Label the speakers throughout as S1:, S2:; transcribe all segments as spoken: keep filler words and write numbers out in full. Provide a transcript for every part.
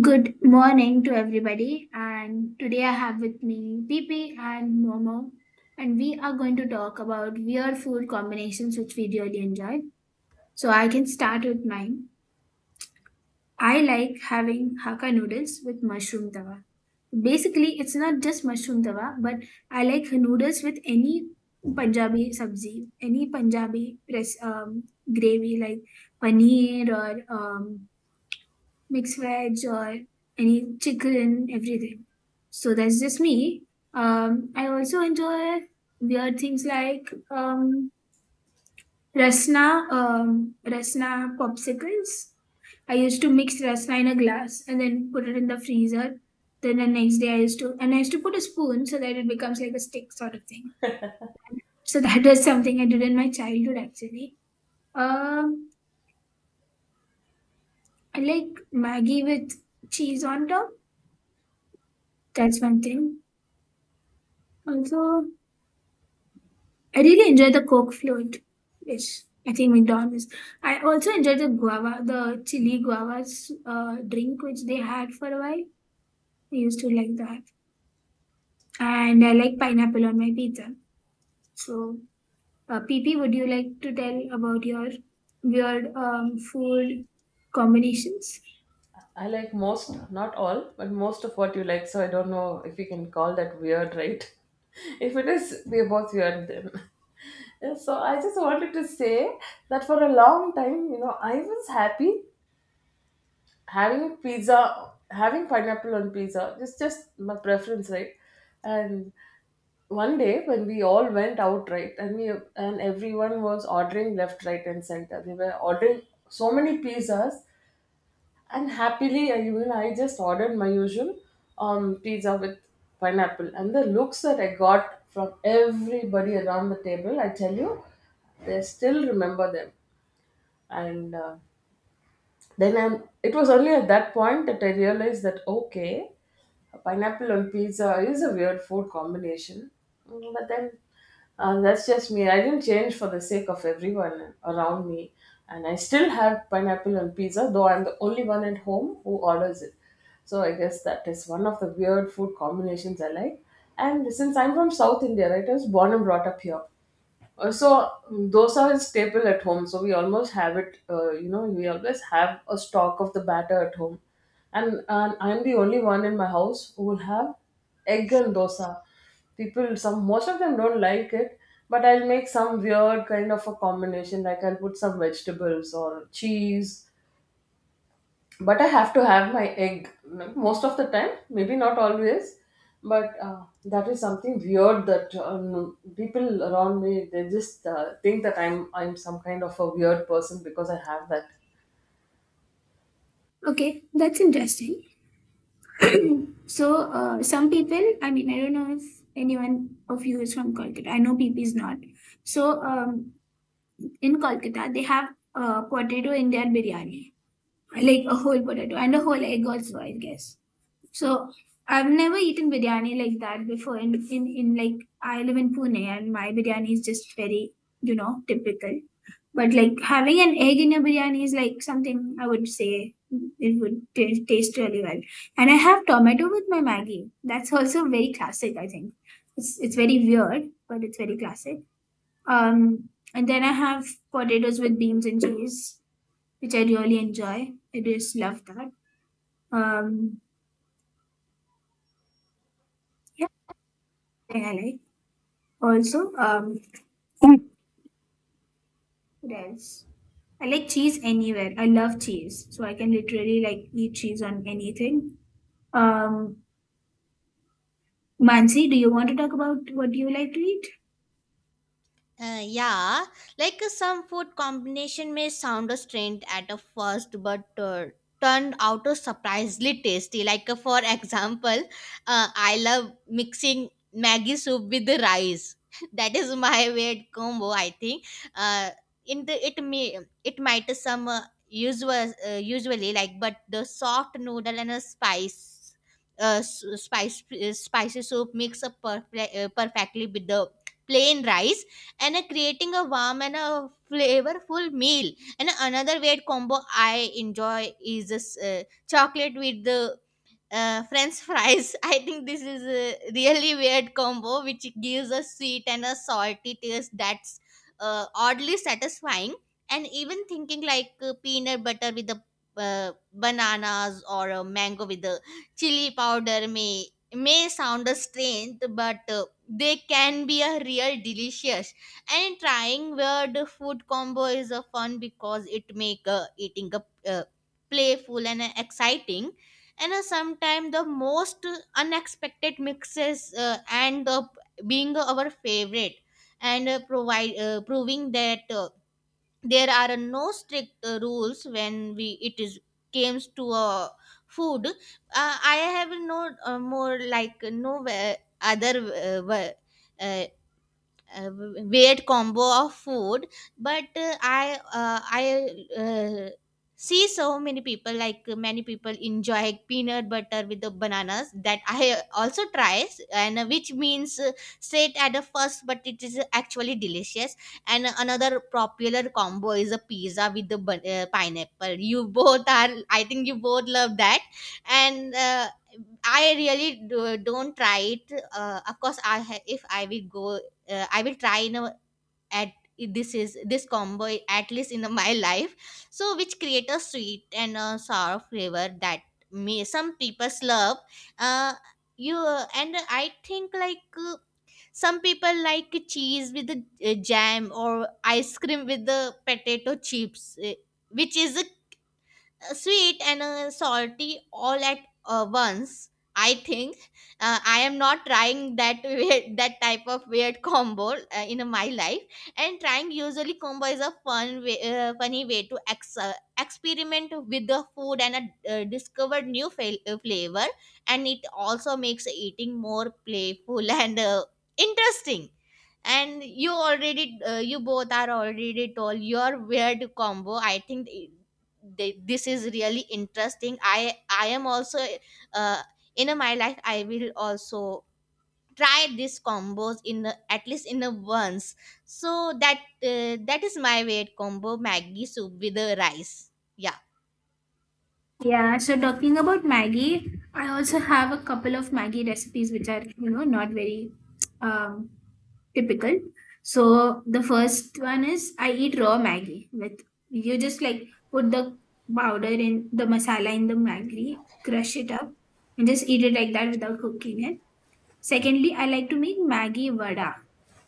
S1: Good morning to everybody, and today I have with me P P and Momo, and we are going to talk about weird food combinations which we really enjoy. So I can start with mine. I like having Hakka noodles with mushroom tawa. Basically, it's not just mushroom tawa, but I like noodles with any Punjabi sabzi, any Punjabi press um, gravy like paneer or um, mixed veg or any chicken, everything. So that's just me. Um, I also enjoy weird things like um, rasna, um, rasna popsicles. I used to mix rasna in a glass and then put it in the freezer. Then the next day I used to, and I used to put a spoon so that it becomes like a stick sort of thing. So that was something I did in my childhood actually. Um, I like Maggie with cheese on top. That's one thing. Also, I really enjoy the Coke float, which I think McDonald's. I also enjoy the guava, the chili guavas uh, drink, which they had for a while. I used to like that. And I like pineapple on my pizza. So, uh, P P, would you like to tell about your weird um, food combinations?
S2: I like most, not all, but most of what you like. So I don't know if you can call that weird, right? If it is, we are both weird then. Yeah, so I just wanted to say that for a long time, you know, I was happy having pizza, having pineapple on pizza. Just, just my preference, right? And one day when we all went out, right, and we and everyone was ordering left, right and center, we were ordering so many pizzas and happily, I even I just ordered my usual um, pizza with pineapple. And the looks that I got from everybody around the table, I tell you, they still remember them. And uh, then I'm, it was only at that point that I realized that okay, pineapple on pizza is a weird food combination. Mm, But then uh, that's just me. I didn't change for the sake of everyone around me, and I still have pineapple on pizza, though I'm the only one at home who orders it. So I guess that is one of the weird food combinations I like. And since I'm from South India, right, I was born and brought up here. Uh, so mm, those are staple at home, so we almost have it, uh, you know, we always have a stock of the batter at home, and, and I'm the only one in my house who will have egg and dosa. People, some, most of them don't like it, but I'll make some weird kind of a combination, like I'll put some vegetables or cheese, but I have to have my egg m- most of the time, maybe not always, but uh, that is something weird that um, people around me, they just uh, think that I'm I'm some kind of a weird person because I have that.
S1: Okay, that's interesting. So, uh, some people, I mean, I don't know if anyone of you is from Kolkata. I know P P is not. So, um, in Kolkata, they have uh, potato in their biryani, like a whole potato and a whole egg also, I guess. So I've never eaten biryani like that before. In in, in like I live in Pune, and my biryani is just very you know typical. But like having an egg in your biryani is like something I would say it would t- taste really well. And I have tomato with my Maggie. That's also very classic, I think. It's it's very weird, but it's very classic. Um, and then I have potatoes with beans and cheese, which I really enjoy. I just love that. Um, yeah, I like. Also, um, what else? I like cheese anywhere. I love cheese, so I can literally like eat cheese on anything. Um, Mansi, do you want to talk about what you like to eat?
S3: Uh, yeah, like uh, some food combination may sound a strange at a first, but uh, turned out to surprisingly tasty. Like uh, for example, uh, I love mixing Maggi soup with the rice. That is my weird combo, I think. Uh, in the it may it might some uh, usual uh, Usually like, but the soft noodle and a spice. Uh, s- spice uh, spicy soup mix up perfect, uh, perfectly with the plain rice and uh, creating a warm and a flavorful meal. And another weird combo I enjoy is this uh, chocolate with the uh, french fries. I think this is a really weird combo which gives a sweet and a salty taste that's uh, oddly satisfying, and even thinking like uh, peanut butter with the uh, bananas, or a mango with the chili powder may may sound a strange, but uh, they can be a real delicious. And trying weird food combo is a fun because it make uh, eating a uh, playful and uh, exciting, and uh, sometimes the most unexpected mixes uh, end up being our favorite, and uh, provide uh, proving that uh, there are no strict uh, rules when we it is comes to uh, food. uh, I have no uh, more like no where- other uh, wa- uh, uh, weird combo of food. But uh, i uh, i uh, see so many people like many people enjoy peanut butter with the bananas that I also tries, and uh, which means uh, straight at the first, but it is actually delicious. And another popular combo is a pizza with the ban- uh, pineapple. You both are, I think you both love that. And uh, I really do, don't try it. Uh, of course, I ha- if I will go, uh, i will try in a, at this is this combo at least in my life, so which create a sweet and a sour flavor that may some people love. uh, you. And I think like uh, some people like cheese with the uh, jam, or ice cream with the potato chips, uh, which is uh, sweet and uh, salty all at uh, once. I think uh, I am not trying that weird, that type of weird combo uh, in my life. And trying usually combo is a fun, way, uh, funny way to ex- uh, experiment with the food and uh, uh, discover new fa- uh, flavor. And it also makes eating more playful and uh, interesting. And you already, uh, you both are already told your weird combo. I think they, this is really interesting. I i am also uh, in my life. I will also try this combos in a, at least in a once, so that uh, that is my weight combo, Maggie soup with the rice. Yeah.
S1: Yeah, so talking about Maggie, I also have a couple of Maggie recipes which are, you know, not very um, typical. So the first one is I eat raw Maggie with you just like put the powder in the masala in the Maggie, crush it up, and just eat it like that without cooking it. Secondly, I like to make Maggie vada.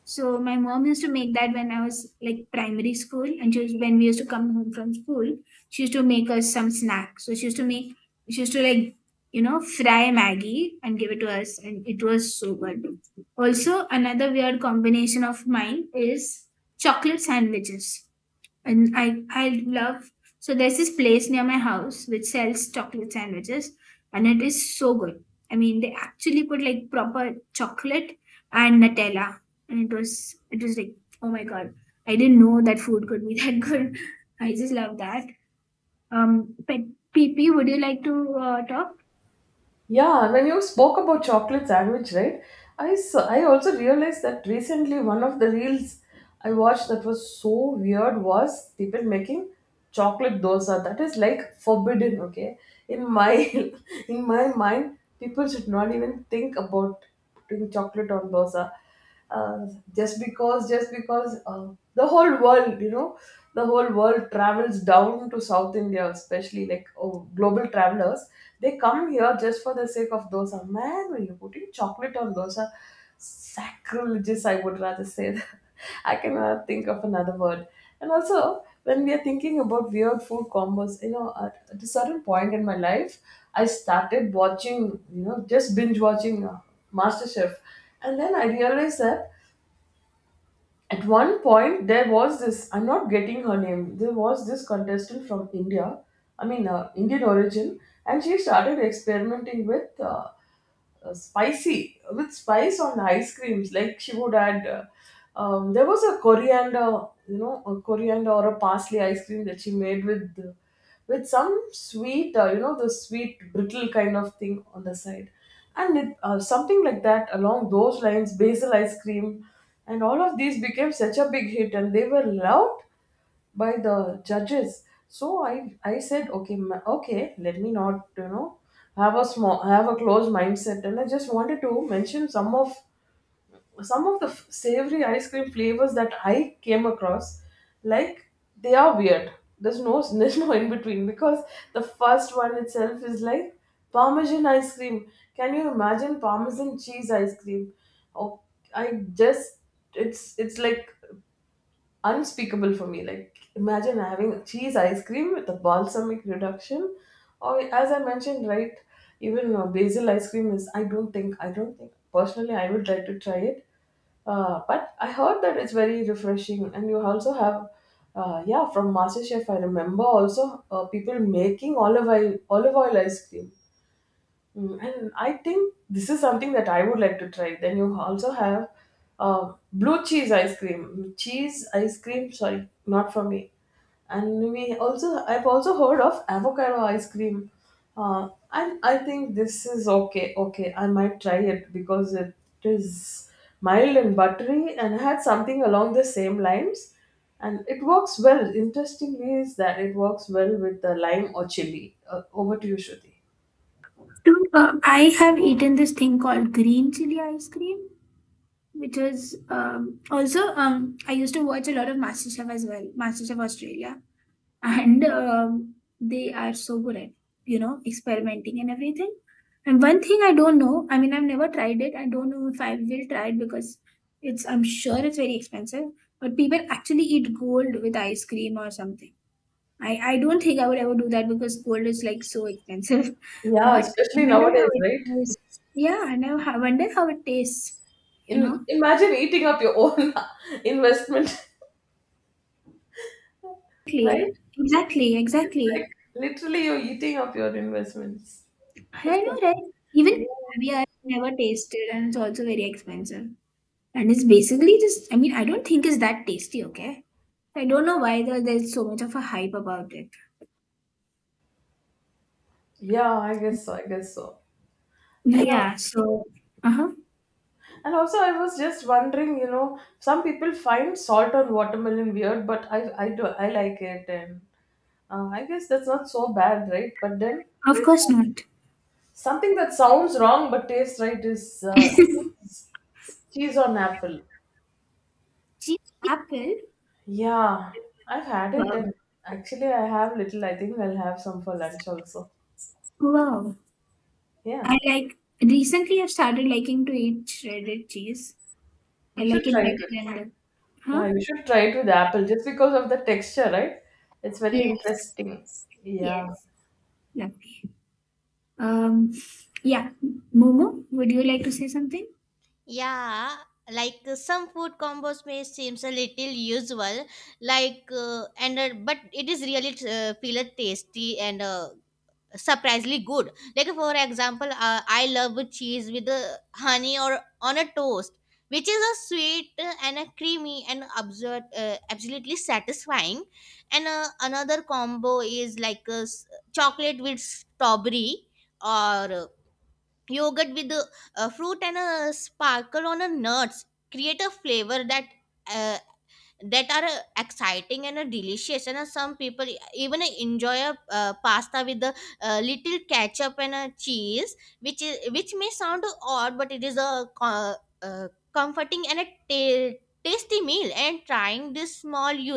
S1: So my mom used to make that when I was like primary school, and she was, when we used to come home from school, she used to make us some snack. So she used to make, she used to like, you know, fry Maggie and give it to us, and it was so good. Also, another weird combination of mine is chocolate sandwiches, and I I love, so there's this place near my house which sells chocolate sandwiches, and it is so good. I mean they actually put like proper chocolate and Nutella, and it was it was like oh my god, I didn't know that food could be that good. I just love that. Um, but P P, would you like to uh, talk?
S2: Yeah, when you spoke about chocolate sandwich, right? I saw, I also realized that recently one of the reels I watched that was so weird was people making chocolate dosa. That is like forbidden, okay? In my in my mind, people should not even think about putting chocolate on dosa. Uh, just because, just because uh, the whole world, you know, the whole world travels down to South India, especially like, oh, global travelers, they come here just for the sake of dosa. Man, when you're putting chocolate on dosa, sacrilegious, I would rather say that. I cannot think of another word. And also, when we are thinking about weird food combos, you know, at, at a certain point in my life, I started watching, you know, just binge watching uh, MasterChef. And then I realized that at one point there was this, I'm not getting her name, there was this contestant from India, I mean, uh, Indian origin, and she started experimenting with uh, uh, spicy, with spice on ice creams. Like she would add, uh, um, there was a coriander, you know, a coriander or a parsley ice cream that she made with uh, with some sweet, uh, you know, the sweet brittle kind of thing on the side, and it, uh, something like that along those lines, basil ice cream, and all of these became such a big hit, and they were loved by the judges. So i i said, okay, ma- okay, let me not, you know, have a small, have a closed mindset, and I just wanted to mention some of, some of the f- savory ice cream flavors that I came across. Like, they are weird. There's no there's no in between because the first one itself is like parmesan ice cream. Can you imagine parmesan cheese ice cream? Oh, I just, it's it's like unspeakable for me. Like imagine having cheese ice cream with a balsamic reduction, or as I mentioned, right, even uh, basil ice cream is. I don't think. I don't think personally. I would like to try it. Uh, but I heard that it's very refreshing, and you also have. Uh, yeah, from MasterChef, I remember also uh, people making olive oil, olive oil ice cream. Mm, And I think this is something that I would like to try. Then you also have uh, blue cheese ice cream. Cheese ice cream, sorry, not for me. And we also, I've also heard of avocado ice cream. Uh, and I think this is okay. Okay, I might try it because it is mild and buttery and had something along the same lines. And it works well. Interestingly, is that it works well with the lime or chili. Uh, over to you, Shruti.
S1: So, uh, I have eaten this thing called green chili ice cream, which was um, also um, I used to watch a lot of MasterChef as well, MasterChef Australia, and um, they are so good at you know experimenting and everything, and one thing I don't know, I mean I've never tried it, I don't know if I will try it because it's, I'm sure it's very expensive, but people actually eat gold with ice cream or something. I i don't think I would ever do that because gold is like so expensive.
S2: Yeah,
S1: But
S2: especially
S1: I wonder how
S2: nowadays,
S1: it
S2: right?
S1: tastes. Yeah, I know, I wonder how it tastes, you know.
S2: In imagine eating up your own investment, right?
S1: Exactly, exactly,
S2: It's like
S1: exactly.
S2: literally you're eating up your investments. That's
S1: I
S2: so,
S1: know, right? Even
S2: yeah.
S1: caviar I never tasted, and it's also very expensive. And it's basically just, I mean, I don't think it's that tasty, okay? I don't know why there, there's so much of a hype about it.
S2: Yeah, I guess so. I guess so. And now,
S1: Yeah, so, uh huh.
S2: and also, I was just wondering, you know, some people find salt on watermelon weird, but I I do, I like it, and uh, I guess that's not so bad, right? But then
S1: Of course not.
S2: something that sounds wrong but tastes right is uh, cheese, cheese on apple.
S1: See, apple,
S2: Yeah, I've had it,
S1: wow.
S2: and actually, I have little. I think I'll have some for lunch also.
S1: Wow. I
S2: Yeah,
S1: like, recently I've started liking to eat shredded cheese. I
S2: you
S1: like
S2: should
S1: it
S2: try it with.
S1: better than the,
S2: Yeah,
S1: huh?
S2: you should try it with apple just because of the texture, right? It's very
S1: Yes,
S2: interesting. Yeah.
S1: yes. Lovely. Um, yeah. Momo, would you like to say something?
S3: Yeah, like uh, some food combos may seems a little usual, like uh, and uh, but it is really uh, feel tasty and uh, surprisingly good. Like for example, uh, I love cheese with uh, honey or on a toast, which is a sweet uh, and a creamy and absurd, uh, absolutely satisfying. And uh, another combo is like uh, s- chocolate with strawberry, or uh, yogurt with uh, uh, fruit and a sparkle on a nuts, create a flavor that uh, that are uh, exciting and uh, delicious. And uh, some people e, even uh, enjoy a uh, pasta with a uh, little ketchup and uh, cheese, which is which may sound odd, but it is a co- uh, comforting and a ta- tasty meal. And trying this small you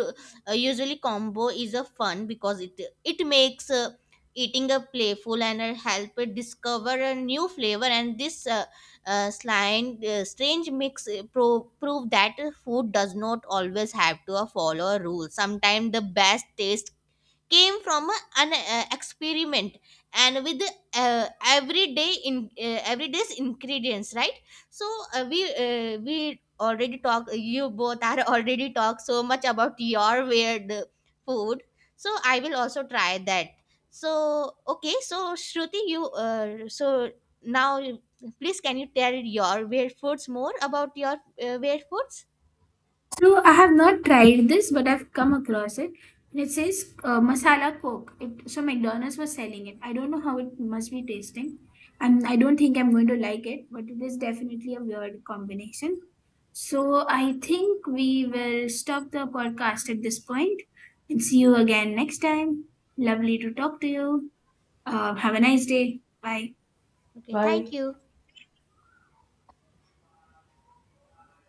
S3: uh, usually combo is a fun because it it makes uh, eating a playful and uh, help it discover a new flavor. And this uh, uh, slind- uh, strange mix uh, pro- prove that food does not always have to follow rules. Sometimes the best taste came from a- an uh, experiment and with uh, everyday in uh, everyday's ingredients, right? So uh, we uh, we already talked. You both are already talked so much about your weird food, so I will also try that. So okay, so Shruti, you uh, so now, please can you tell your weird foods more about your uh, weird foods?
S1: So I have not tried this, but I've come across it. And it says uh, masala coke. It, so McDonald's was selling it. I don't know how it must be tasting. I'm, I don't think I'm going to like it, but it is definitely a weird combination. So I think we will stop the podcast at this point and see you again next time. Lovely to talk to you. Uh, have a nice day. Bye.
S3: Okay, thank
S2: Bye.
S3: you.